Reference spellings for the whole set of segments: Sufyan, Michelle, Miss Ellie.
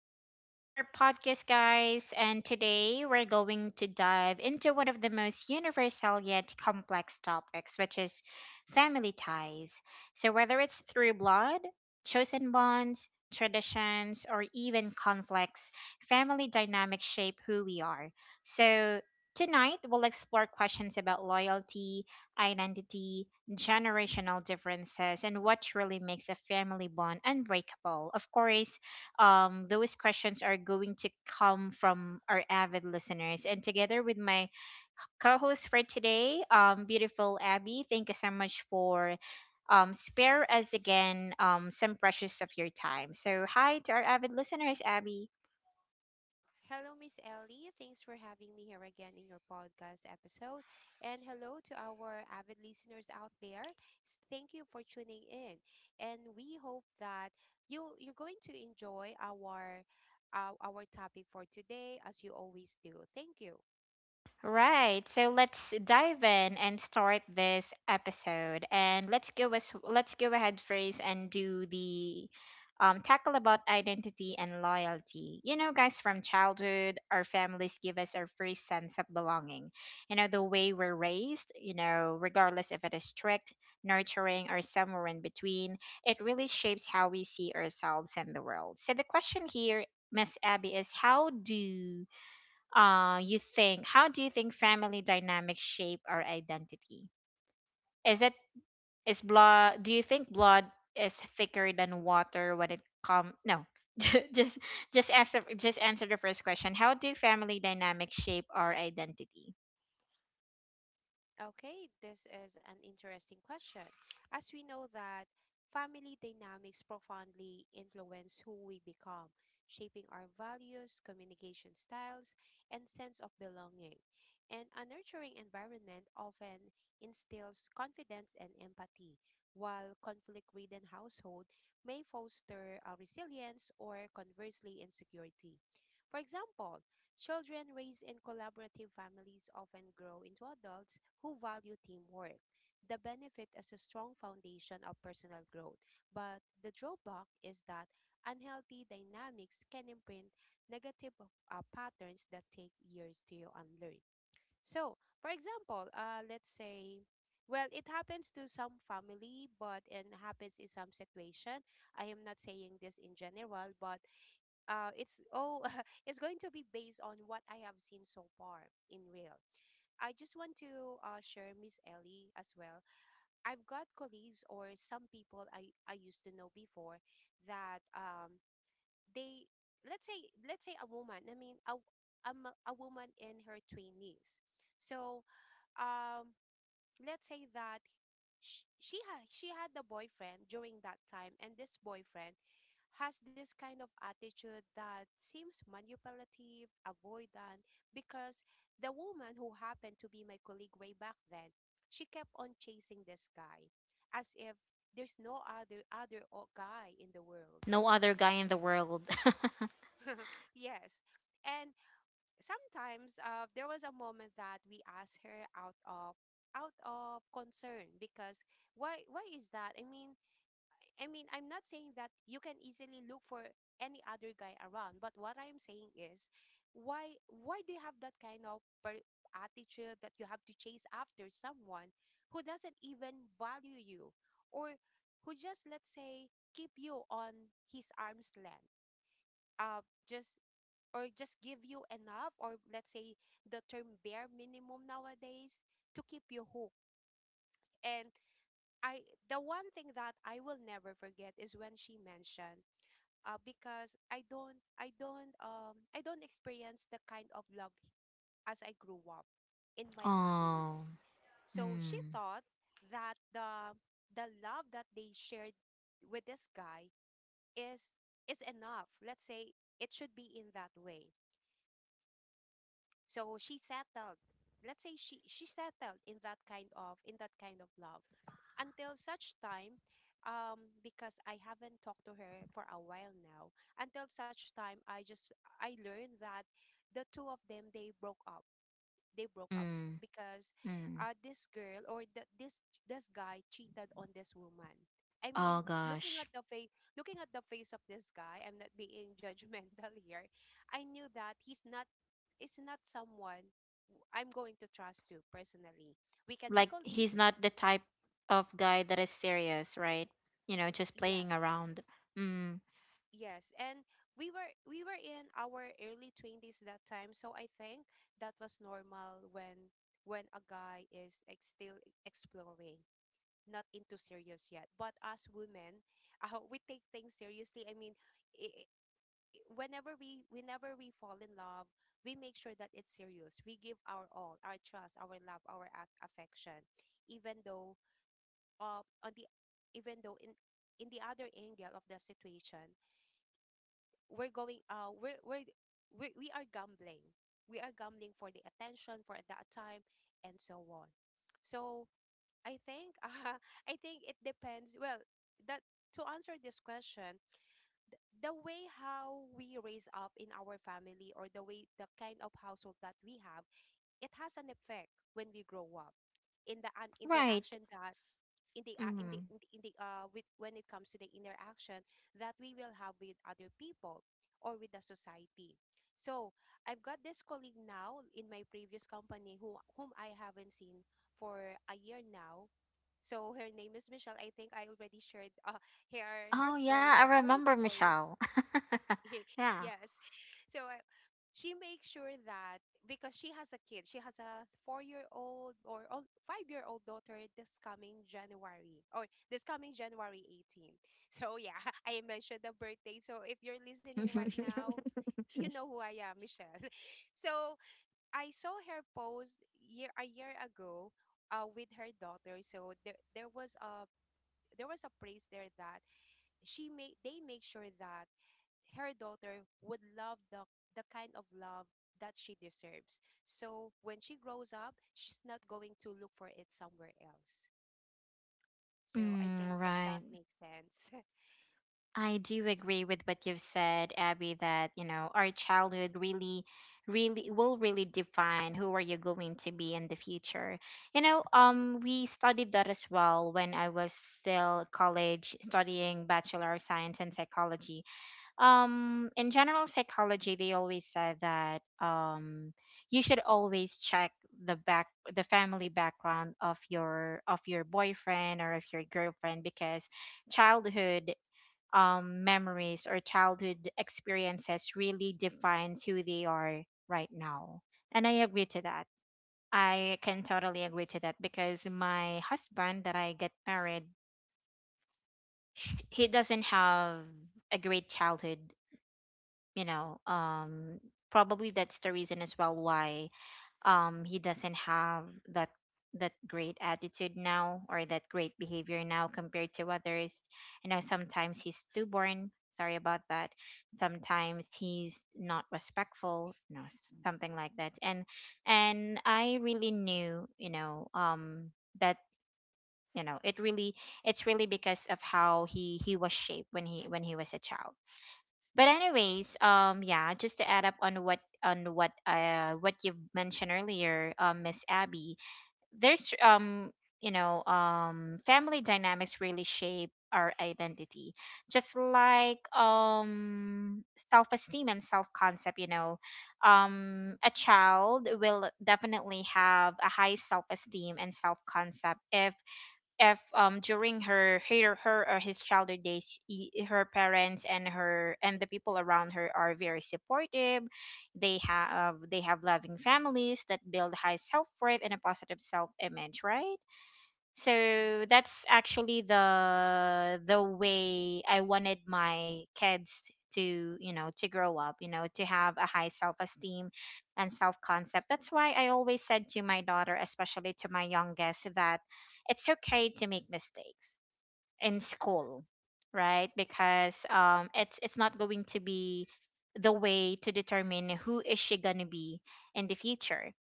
Welcome back to our podcast, guys. And today we're going to dive into one of the most universal yet complex topics, which is family ties. So, whether it's through blood, chosen bonds, traditions, or even conflicts, family dynamics shape who we are. So, Tonight, we'll explore questions about loyalty, identity, generational differences, and what really makes a family bond unbreakable. Of course, those questions are going to come from our avid listeners. And together with my co-host for today, beautiful Abby, thank you so much for spare us again some precious of your time. So hi to our avid listeners, Abby. Hello, Miss Ellie. Thanks for having me here again in your podcast episode. And hello to our avid listeners out there. Thank you for tuning in. And we hope that you're going to enjoy our topic for today as you always do. Thank you. Right. So let's dive in and start this episode. And let's go as let's go ahead first and do the tackle about identity and loyalty. Guys, from childhood, our families give us our first sense of belonging. The way we're raised, regardless if it is strict, nurturing, or somewhere in between, it really shapes how we see ourselves and the world. So the question here, Miss Abby, is how do you think family dynamics shape our identity? Is it is blood Do you think blood is thicker than water when it come no? just just answer just Mm-hmm. answer the first question. How do family dynamics shape our identity? Okay, this is an interesting question. As we know that family dynamics profoundly influence who we become, shaping our values, communication styles, and sense of belonging. And a nurturing environment often instills confidence and empathy, while conflict-ridden household may foster resilience, or conversely, insecurity. For example, children raised in collaborative families often grow into adults who value teamwork. The benefit is a strong foundation of personal growth, but the drawback is that unhealthy dynamics can imprint negative patterns that take years to unlearn. So, for example, let's say, well, it happens to some family, but it happens in some situation. I am not saying this in general, but it's oh it's going to be based on what I have seen so far in real. I just want to share, Miss Ellie, as well. I've got colleagues or some people I used to know before that they let's say a woman. I mean a woman in her twenties. So um let's say that. She had a boyfriend during that time, and this boyfriend has this kind of attitude that seems manipulative, avoidant, because the woman, who happened to be my colleague way back then, she kept on chasing this guy as if there's no other guy in the world. No other guy in the world. Yes. And sometimes there was a moment that we asked her out of concern, because why is that? I mean, I'm not saying that you can easily look for any other guy around, but what I'm saying is, why do you have that kind of attitude that you have to chase after someone who doesn't even value you, or who just, let's say, keep you on his arm's length, just, or just give you enough, or, let's say, the term bare minimum nowadays to keep you hooked. And I, the one thing that I will never forget is when she mentioned because I don't experience the kind of love as I grew up in my family. Oh. So she Mm. thought that the love that they shared with this guy is is enough. Let's say it should be in that way. So she settled. Let's say she settled in that kind of love until such time because I haven't talked to her for a while now, until such time I just I learned that the two of them, they broke up Mm. because Mm. This girl, or the, this guy cheated on this woman. I Oh mean, looking gosh. at the face, looking at the face of this guy, I'm not being judgmental here. I knew that he's not, it's not someone I'm going to trust to personally. We can be Like, he's colleagues, not the type of guy that is serious, right? You know, just playing yes. around. Mm. Yes, and we were in our early 20s that time, so I think that was normal when a guy is like, still exploring. Not into serious yet. But as women, we take things seriously. I mean, i i- whenever we fall in love, we make sure that it's serious. We give our all, our trust, our love, our affection, even though on the even though in the other angle of the situation, we're going we are gambling. We are gambling for the attention, for that time, and so on. So I think I think it depends. Well, that, to answer this question, the way how we raise up in our family, or the way, the kind of household that we have, it has an effect when we grow up in the an Right. interaction that in the in the Mhm. in the, in the with, when it comes to the interaction that we will have with other people or with the society. So I've got this colleague now in my previous company who whom I haven't seen for a year now, so her name is Michelle. I think I already shared her Oh story, yeah, I or our remember story. Michelle. Yeah. Yes. So she makes sure that, because she has a kid, she has a four-year-old, or oh, five-year-old daughter this coming January, or this coming January 18. So yeah, I mentioned the birthday. So if you're listening right now, you know who I am, Michelle. So I saw her post year a year ago with her daughter. So there was a there was a place there that she made they make sure that her daughter would love the kind of love that she deserves. So when she grows up, she's not going to look for it somewhere else. So I Mm, think, if right. that makes sense. I do agree with what you've said, Abby, that, you know, our childhood really, will really define who are you going to be in the future. You know, we studied that as well when I was still college studying Bachelor of Science in Psychology, in general psychology. They always said that you should always check the back the family background of your boyfriend or of your girlfriend, because childhood memories or childhood experiences really define who they are right now. And I agree to that. I can totally agree to that, because my husband that I get married, he doesn't have a great childhood. You know, probably that's the reason as well why he doesn't have that that great attitude now or that great behavior now compared to others. You know, sometimes he's stubborn. Sorry about that. Sometimes he's not respectful, you know, something like that. And I really knew, you know, that you know, it really, it's really because of how he was shaped when he was a child. But anyways, yeah, just to add up on what you mentioned earlier, Miss Abby, there's you know, family dynamics really shape our identity, just like self-esteem and self-concept. You know, a child will definitely have a high self-esteem and self-concept if if during her or his childhood days, her parents and her and the people around her are very supportive. They have they have loving families that build high self-worth and a positive self-image, right? So that's actually the way I wanted my kids to, you know, to grow up, you know, to have a high self-esteem and self-concept. That's why I always said to my daughter, especially to my youngest, that it's okay to make mistakes in school, right? Because it's not going to be the way to determine who is she going to be in the future.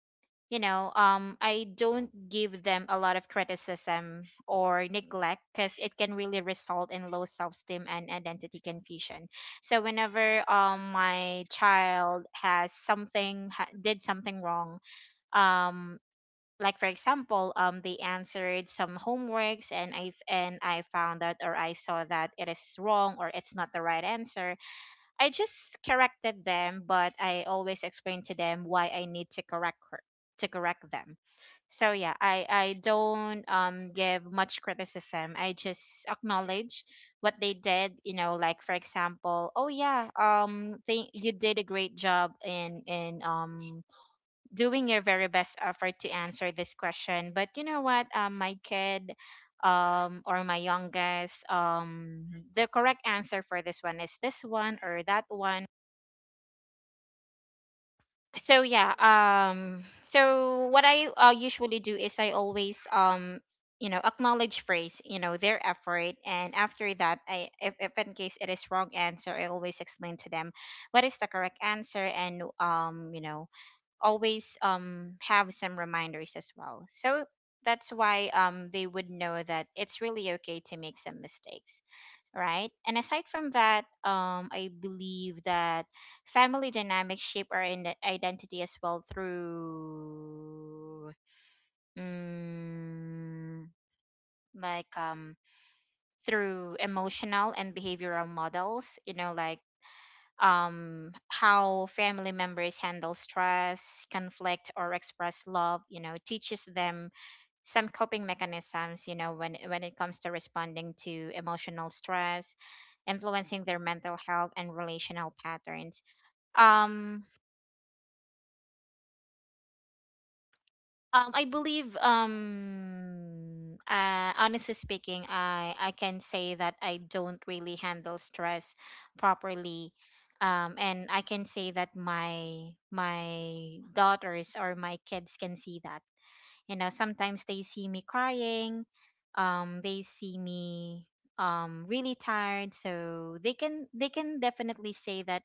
You know, I don't give them a lot of criticism or neglect, because it can really result in low self-esteem and identity confusion. So whenever my child has something did something wrong, um like for example, they answered some homeworks and I found out or I saw that it is wrong or it's not the right answer, I just corrected them, but I always explain to them why I need to correct her, to correct them. So yeah, I don't give much criticism. I just acknowledge what they did. You know, like for example, oh yeah, think you did a great job in doing your very best effort to answer this question. But you know what? My kid, or my youngest, the correct answer for this one is this one or that one. So All yeah, right. So what I usually do is I always, you know, acknowledge phrase, you know, their effort, and after that, I if in case it is wrong answer, I always explain to them what is the correct answer, and you know, always have some reminders as well. So that's why they would know that it's really okay to make some mistakes, right? And aside from that, I believe that family dynamics shape our identity as well through, mm, like, through emotional and behavioral models, you know, like, how family members handle stress, conflict, or express love, you know, teaches them some coping mechanisms, you know, when it comes to responding to emotional stress, influencing their mental health and relational patterns. um I believe, All right. Honestly speaking, I can say that I don't really handle stress properly, and I can say that my daughters or my kids can see that. You know, sometimes they see me crying, they see me really tired, so they can definitely say that,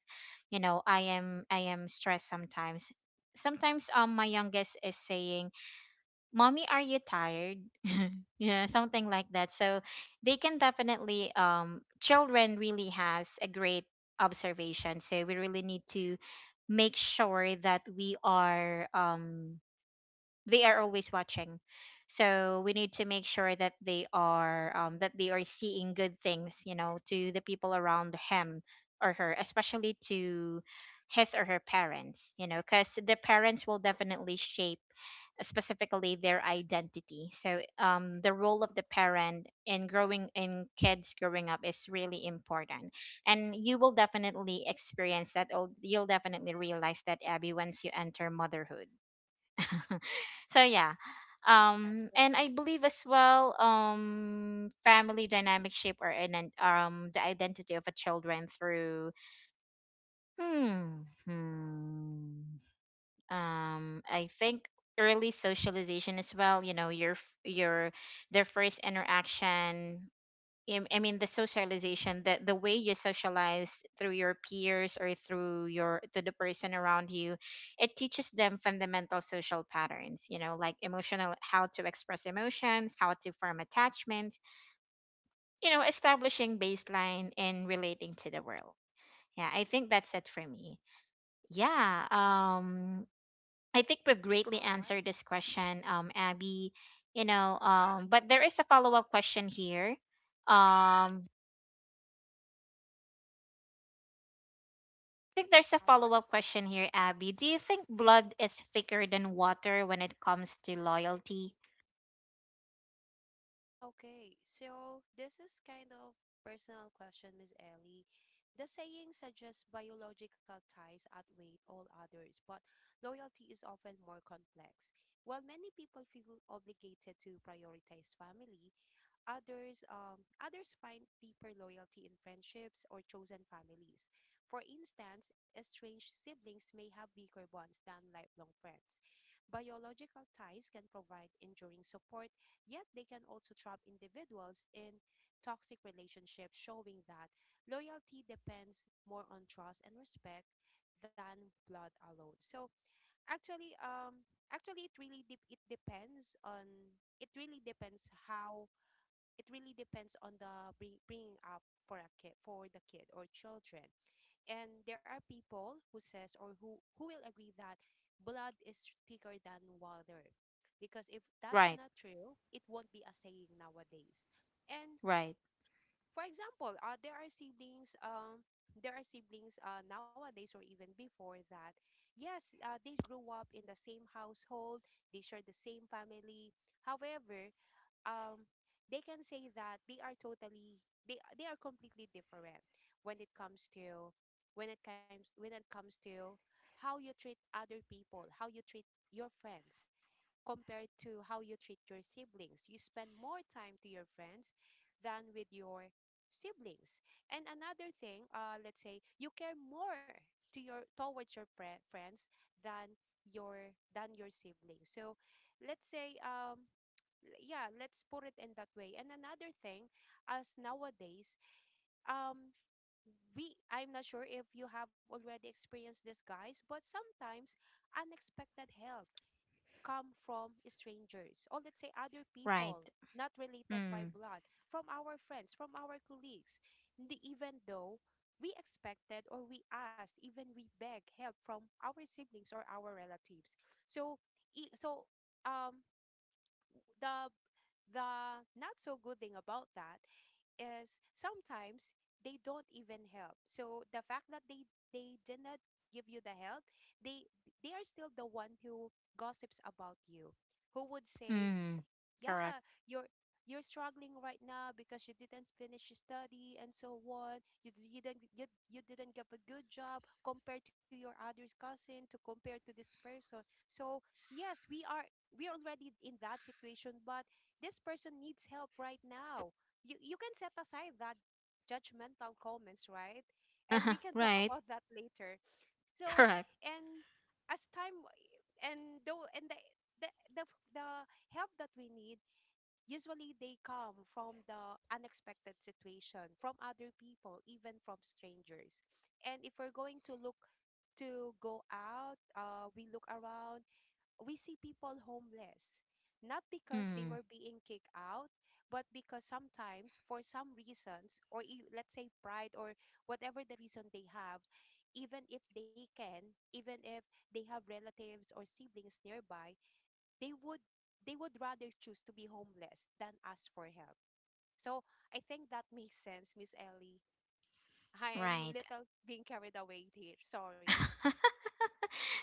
you know, I am stressed sometimes. Sometimes my youngest is saying, mommy, are you tired? Yeah, something like that. So they can definitely, children really has a great observation, so we really need to make sure that we are, they are always watching, so we Mhm. need to make sure that they are, that they are seeing good things, you know, to the people around him or her, especially to his or her parents. You know, because the parents will definitely shape, specifically their identity. So the role of the parent in growing in kids growing up is really important. And you will definitely experience that, or you'll definitely realize that, Abby, once you enter motherhood. So yeah, Yes, we'll and I see. believe as well, family dynamic shape or in, the identity of a children through, hmm, hmm I think early socialization as well. You know, your f- your their first interaction, I mean, the socialization, the way you socialize through your peers or through your to the person around you, it teaches them fundamental social patterns, you know, like emotional, how to express emotions, how to form attachments, you know, establishing baseline and relating to the world. Yeah, I think that's it for me. Yeah, I think we've greatly All answered right. this question, Abby. You know, but there is a follow-up question here. Um, think there's a All right. follow-up question here, Abby. Do you think blood is thicker than water when it comes to loyalty? Okay, so this is kind of personal question, Miss Ellie. The saying suggests biological ties outweigh all others, but loyalty is often more complex. While many people feel obligated to prioritize family, others others find deeper loyalty in friendships or chosen families. For instance, estranged siblings may have weaker bonds than lifelong friends. Biological ties can provide enduring support, yet they can also trap individuals in toxic relationships, showing that loyalty depends more on trust and respect than blood alone. So, actually, actually, it really dep it depends on, it really depends how, it really depends on the bringing up for a kid, for the kid or children. And there are people who says, or who will agree that blood is thicker than water, because if that's Right, not true, it won't be a saying nowadays. And, right, for example, there are siblings there are siblings, nowadays or even before that, yes, they grew up in the same household, they share the same family. However, um they can say that they are totally, they are completely different when it comes to, when it comes, when it comes to how you treat other people, how you treat your friends compared to how you treat your siblings. You spend more time to your friends than with your siblings. And another thing, let's say you care more to your towards your friends than your, than your siblings. So let's say yeah, let's put it in that way. And another thing, as nowadays, um we, I'm not sure if you have already experienced this, guys, but sometimes unexpected help come from strangers, or, let's say, other right. people not related by Mm, blood, from our friends, from our colleagues. Even though we expected, or we asked, even we beg help from our siblings or our relatives, so so um the the not so good thing about that is sometimes they don't even help. So the fact that they did not give you the help, they they are still the one who gossips about you, who would say, mm, correct. yeah, you're you're struggling right now because you didn't finish your study and so on, you, you didn't, you didn't get a good job compared to your other cousin, to compare to this person. So yes, we are already in that situation, but this person needs help right now. You can set aside that judgmental comments, right? And Uh-huh, we can talk right, about that later. So, correct. and as time, and though, and the the, the help that we need, usually, they come from the unexpected situation, from other people, even from strangers. And if we're going to look to go out, we look around, we see people homeless. Not because they Mm, were being kicked out, but because sometimes, for some reasons, or let's say pride, or whatever the reason they have, even if they can, even if they have relatives or siblings nearby, they would, they would rather choose to be homeless than ask for help. So I think that makes sense, Miss Ellie. I am right. little being carried away here. Sorry.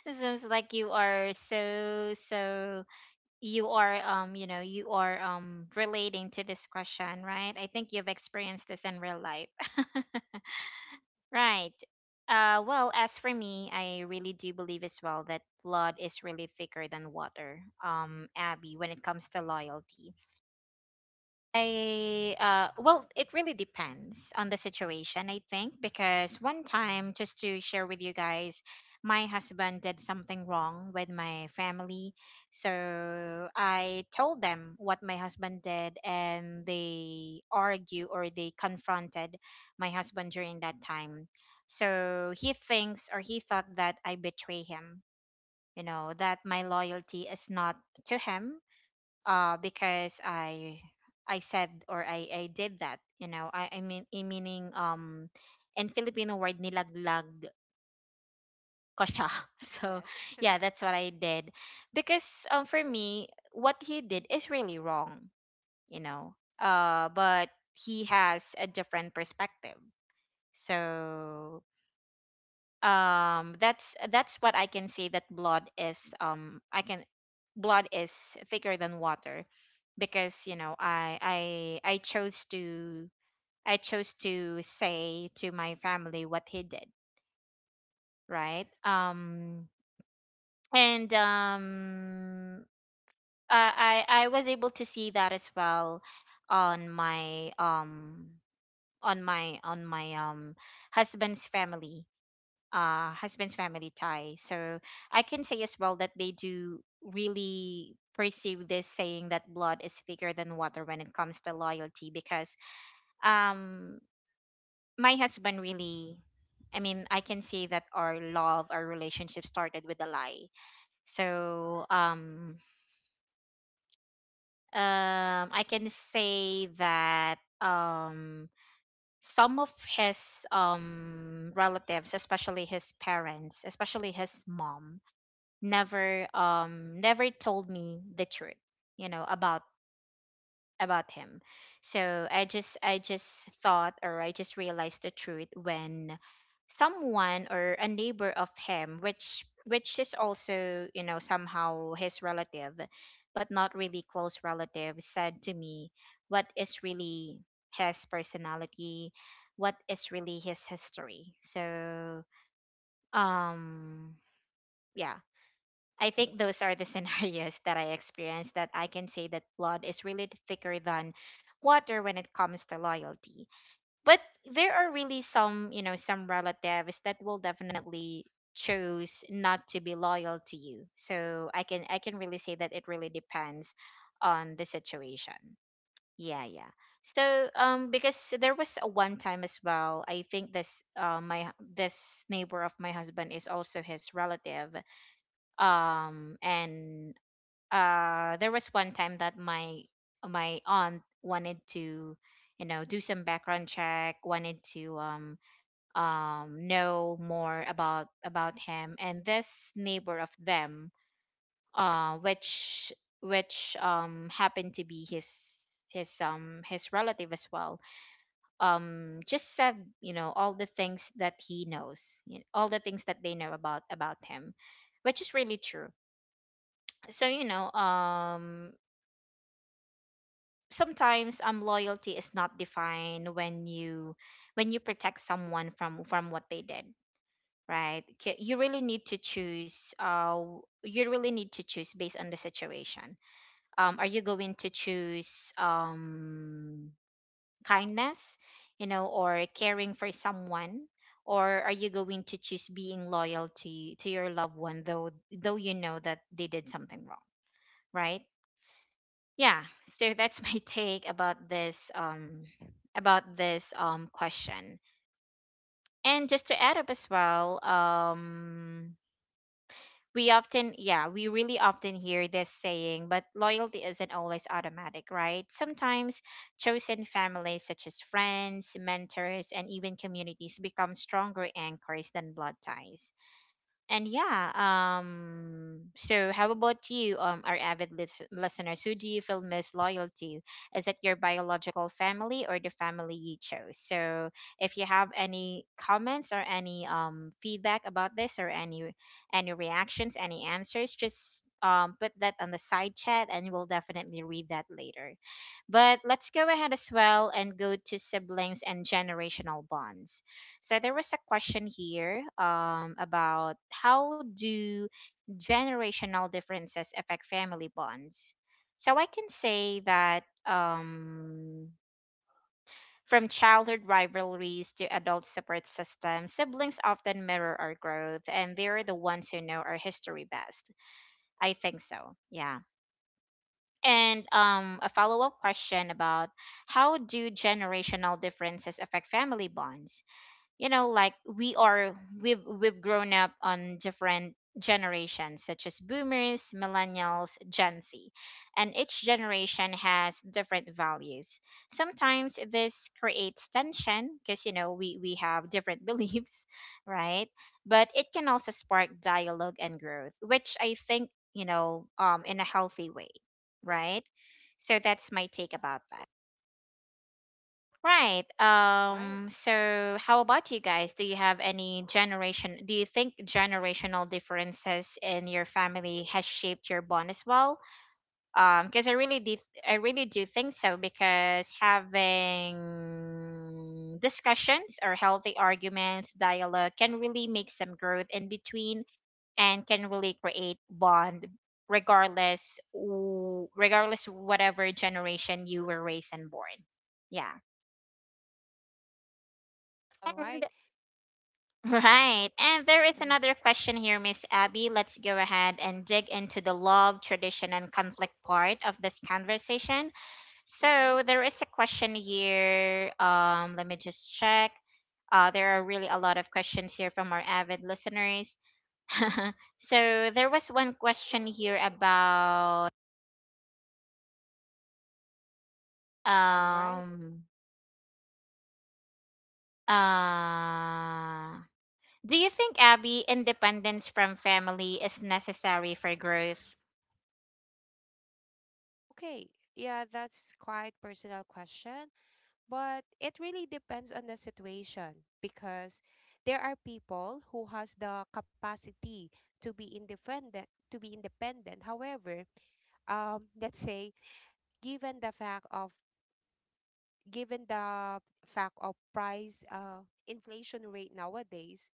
It seems like you are so so you are you know, you are relating to this question, right? I think you've experienced this in real life. Right. Well, as for me, I really do believe as well that blood is really thicker than water, Abby, when it comes to loyalty. I All well, right. it really depends on the situation, I think, because one time, just to share with you guys, my husband did something wrong with my family. So I told them what my husband did, and they argue or they confronted my husband during that time. So he thinks or he thought that I betray him, you know, that my loyalty is not to him, because I said or I did that. You know, I mean, I meaning, in filipino word, nilaglag ko siya. So Yes. yeah, that's what I did, because for me, what he did is really wrong, you know. Uh, but he has a different perspective. So that's what I can say, that blood is, I can blood is thicker than water, because you know, I chose to, I chose to say to my family what he did, right. And um I was able to see that as well on my, on my husband's family, husband's family tie. So I can say as well that they do really perceive this saying that blood is thicker than water when it comes to loyalty because, um, my husband really. I mean, I can say that our love, our relationship started with a lie. So, um, I can say that some of his relatives, especially his parents, especially his mom, never never told me the truth you know about about him. So I just thought, or I just realized the truth when someone or a neighbor of him, which is also, somehow his relative, but not really close relative, said to me what is really his personality, what is really his history. So um yeah, I think those are the scenarios that I experienced, that I can say that blood is really thicker than water when it comes to loyalty. But there are really some, some relatives that will definitely choose not to be loyal to you. So I can really say that it really depends on the situation. Yeah, yeah. So because there was a one time as well, I think this my, this neighbor of my husband is also his relative, and there was one time that my aunt wanted to, do some background check, wanted to know more about him, and this neighbor of them, which happened to be his, his relative as well, just said, all the things that he knows, all the things that they know about him, which is really true. So sometimes loyalty is not defined when you, when you protect someone from what they did, right? You really need to choose, you really need to choose based on the situation. Are you going to choose kindness, you know, or caring for someone, or are you going to choose being loyal to your loved one, though you know that they did something wrong, right? Yeah. So that's my take about this, about this question. And just to add up as well, we often, yeah, we really often hear this saying, but loyalty isn't always automatic, right? Sometimes chosen families, such as friends, mentors, and even communities, become stronger anchors than blood ties. And yeah, so how about you, our avid listeners? Who do you feel most loyal to? Is it your biological family or the family you chose? So, if you have any comments or any feedback about this, or any reactions, any answers, just put that on the side chat, and we'll definitely read that later. But let's go ahead as well and go to siblings and generational bonds. So there was a question here, about how do generational differences affect family bonds. So I can say that, from childhood rivalries to adult support systems, siblings often mirror our growth, and they're the ones who know our history best. I think so. Yeah. And a follow up question about how do generational differences affect family bonds? You know, like we are, we've grown up on different generations, such as boomers, millennials, gen z, and each generation has different values. Sometimes this creates tension because, you know, we have different beliefs, right? But it can also spark dialogue and growth, which I think, you know, in a healthy way, right? So that's my take about that. Right. All right. So how about you guys? Do you have any generation, do you think generational differences in your family has shaped your bond as well? Because I really did, I really do think so, because having discussions or healthy arguments, dialogue, can really make some growth in between, and can really create bond regardless, regardless whatever generation you were raised and born. Yeah. All right. And. Right. And there is Um, another question here, Miss Abby. Let's go ahead and dig into the love, tradition, and conflict part of this conversation. mm-mm. So there is a question here. Let me just check. There are really a lot of questions here from our avid listeners. So there was one question here about All right. um uh do you think, Abby, independence from family is necessary for growth? Okay. Yeah, that's quite personal question, but it really depends on the situation, because there are people who has the capacity to be independent, to be independent. However, let's say given the fact of given the fact of price inflation rate nowadays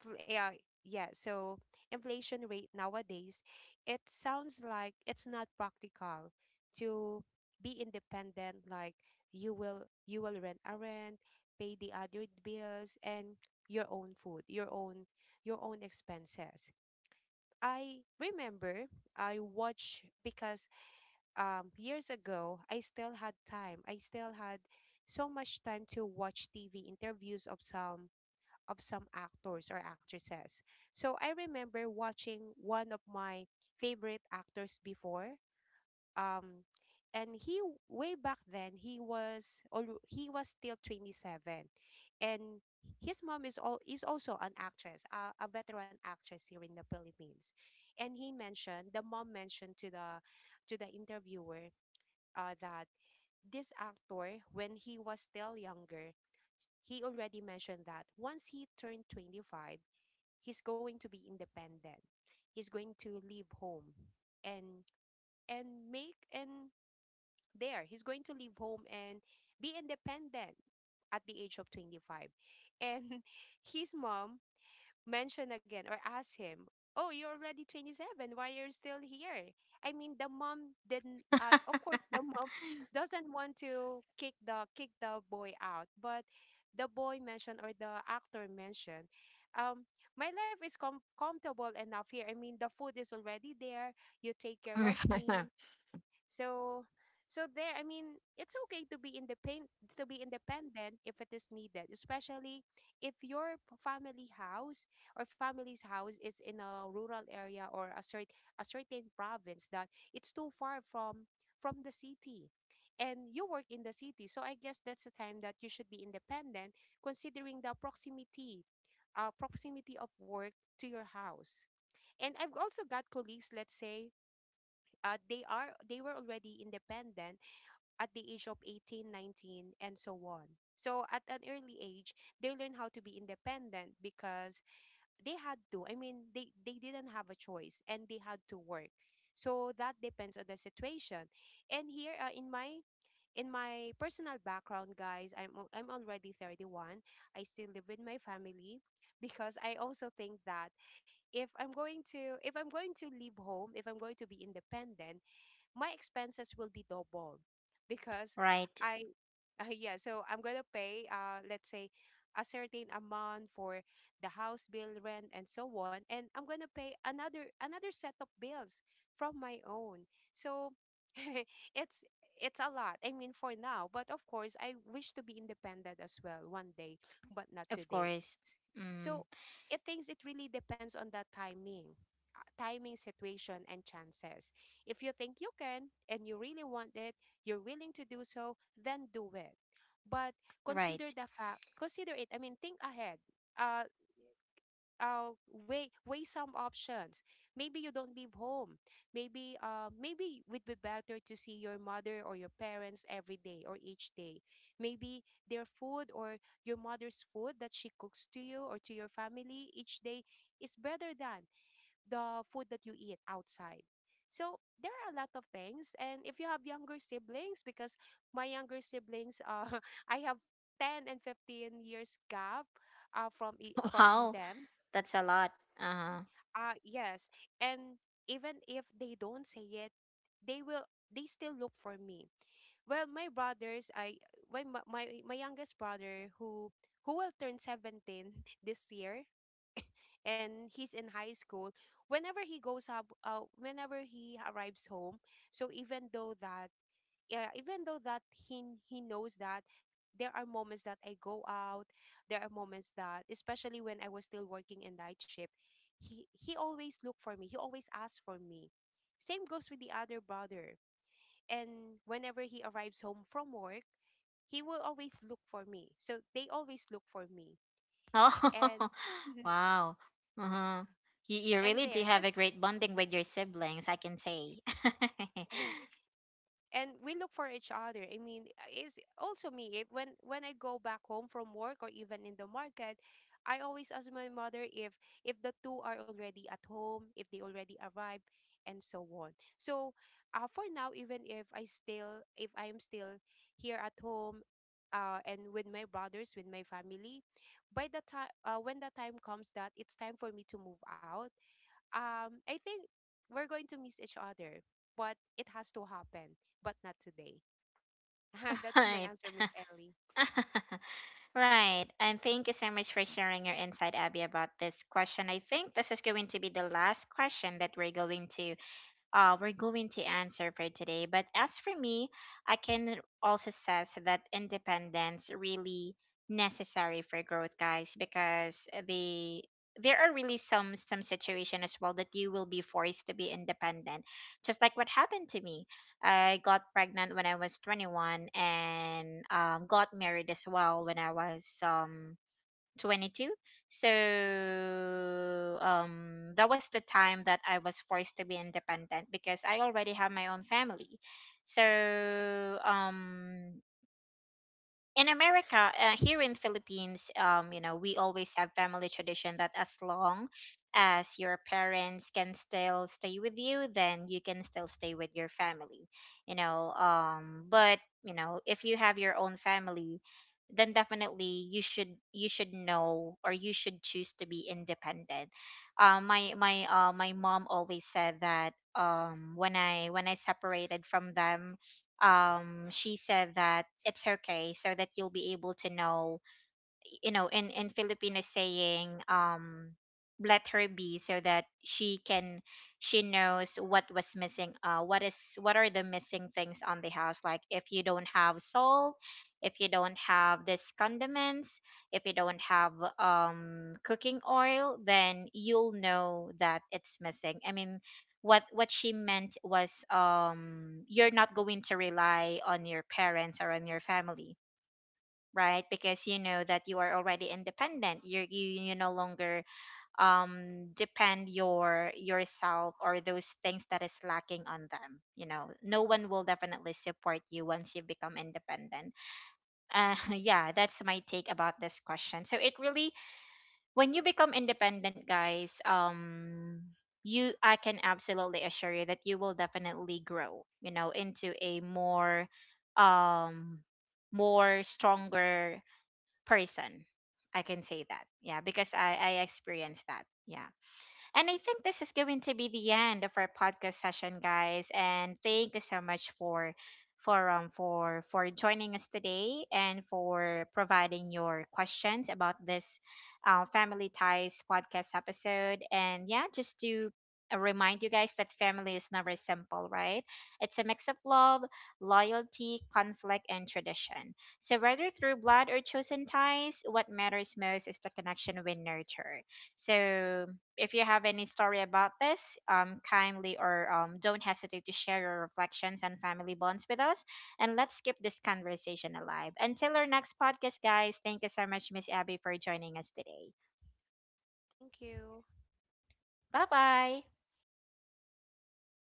pr- yeah yeah so inflation rate nowadays, it sounds like it's not practical to be independent. Like, you will rent, pay the other bills, and your own food, your own expenses. I remember, I watch because years ago I still had time, I still had so much time to watch TV interviews of some actors or actresses. So I remember watching one of my favorite actors before. um and he, way back then, he was, or he was still 27. And his mom is all is also an actress, a veteran actress here in the Philippines. And he mentioned the mom mentioned to the interviewer that this actor, when he was still younger, he already mentioned that once he turned 25, he's going to be independent. He's going to leave home and and make and there he's going to leave home and be independent at the age of 25. And his mom mention again or ask him, "Oh, you're already 27. Why you're still here?" I mean, the mom didn't. Of course, the mom doesn't want to kick the boy out. But the boy mentioned, or the actor mentioned, um, "My life is comfortable enough here. I mean, the food is already there. You take care of me." So, there, I mean, it's okay to be independent if it is needed, especially if your family house or family's house is in a rural area, or a certain province that it's too far from the city. And you work in the city, so I guess that's the time that you should be independent, considering the proximity, proximity of work to your house. And I've also got colleagues, let's say, they were already independent at the age of 18, 19, and so on. So at an early age, they learn how to be independent because they had to. I mean, they didn't have a choice and they had to work. So that depends on the situation. And here, in my personal background, guys, I'm already 31. I still live with my family because I also think that, if I'm going to leave home, if I'm going to be independent, my expenses will be double, because Right. I, yeah, so I'm going to pay, let's say, a certain amount for the house bill, rent, and so on, and I'm going to pay another set of bills from my own. So it's it's a lot. I mean, for now. But of course, I wish to be independent as well one day, but not Of today. course. S- Mm, So it thinks it really depends on the timing, timing, situation, and chances. If you think you can and you really want it, you're willing to do so, then do it. But right. consider the fact, consider it. I mean, think ahead. Uh, uh, weigh some options. Maybe you don't leave home. Maybe, maybe it would be better to see your mother or your parents every day, or each day. Maybe their food, or your mother's food that she cooks to you or to your family each day, is better than the food that you eat outside. So there are a lot of things. And if you have younger siblings, because my younger siblings, I have 10 and 15 years gap, from Wow. them. That's a lot. Uh-huh. Yes. And even if they don't say it, they will, they still look for me. Well, my brothers, I, when my youngest brother who will turn 17 this year, and he's in high school, whenever he goes up, whenever he arrives home, so even though that, yeah even though that he knows that there are moments that I go out, there are moments that, especially when I was still working in night shift, he always look for me, he always asks for me. Same goes with the other brother. And whenever he arrives home from work, he will always look for me. So they always look for me. And Oh, wow. Uh-huh. You and really there do just have a great bonding with your siblings, I can say. and we look for each other. I mean, it's also me if, when I go back home from work, or even in the market, I always ask my mother if, the two are already at home, if they already arrived, and so on. So, for now, even if I still, if I am still here at home, and with my brothers, with my family, by the time, when the time comes that it's time for me to move out, I think we're going to miss each other, but it has to happen, but not today. That's my Right. answer, Miss Ellie. Right. And thank you so much for sharing your insight, Abby, about this question. I think this is going to be the last question that we're going to, we're going to answer for today. But as for me, I can also says that independence really necessary for growth, guys, because there are really some situation as well that you will be forced to be independent, just like what happened to me. I got pregnant when I was 21, and got married as well when I was 22. So that was the time that I was forced to be independent, because I already have my own family. So in America, here in Philippines, you know, we always have family tradition that as long as your parents can still stay with you, then you can still stay with your family, you know. But you know, if you have your own family, then definitely you should, you should know, or you should choose to be independent. My mom always said that, when I separated from them, she said that it's okay, so that you'll be able to know, you know, in filipino saying, let her be, so that she can, she knows what was missing, what is, what are the missing things on the house, like if you don't have salt, if you don't have this condiments, if you don't have cooking oil, then you'll know that it's missing. I mean, what she meant was, you're not going to rely on your parents or on your family, right? Because you know that you are already independent, you no longer depend your yourself or those things that is lacking on them. You know, no one will definitely support you once you become independent. Yeah, that's my take about this question. So it really, when you become independent, guys, you, I can absolutely assure you that you will definitely grow, you know, into a more um more stronger person. I can say that. Yeah, because I experienced that. Yeah. And I think this is going to be the end of our podcast session, guys. And thank you so much for, for joining us today, and for providing your questions about this family ties podcast episode. And yeah, just to remind you guys that family is never simple, right? It's a mix of love, loyalty, conflict, and tradition. So whether through blood or chosen ties, what matters most is the connection we nurture. So if you have any story about this, kindly or don't hesitate to share your reflections and family bonds with us. And let's keep this conversation alive. Until our next podcast, guys, thank you so much, Miss Abby, for joining us today. Thank you. Bye bye.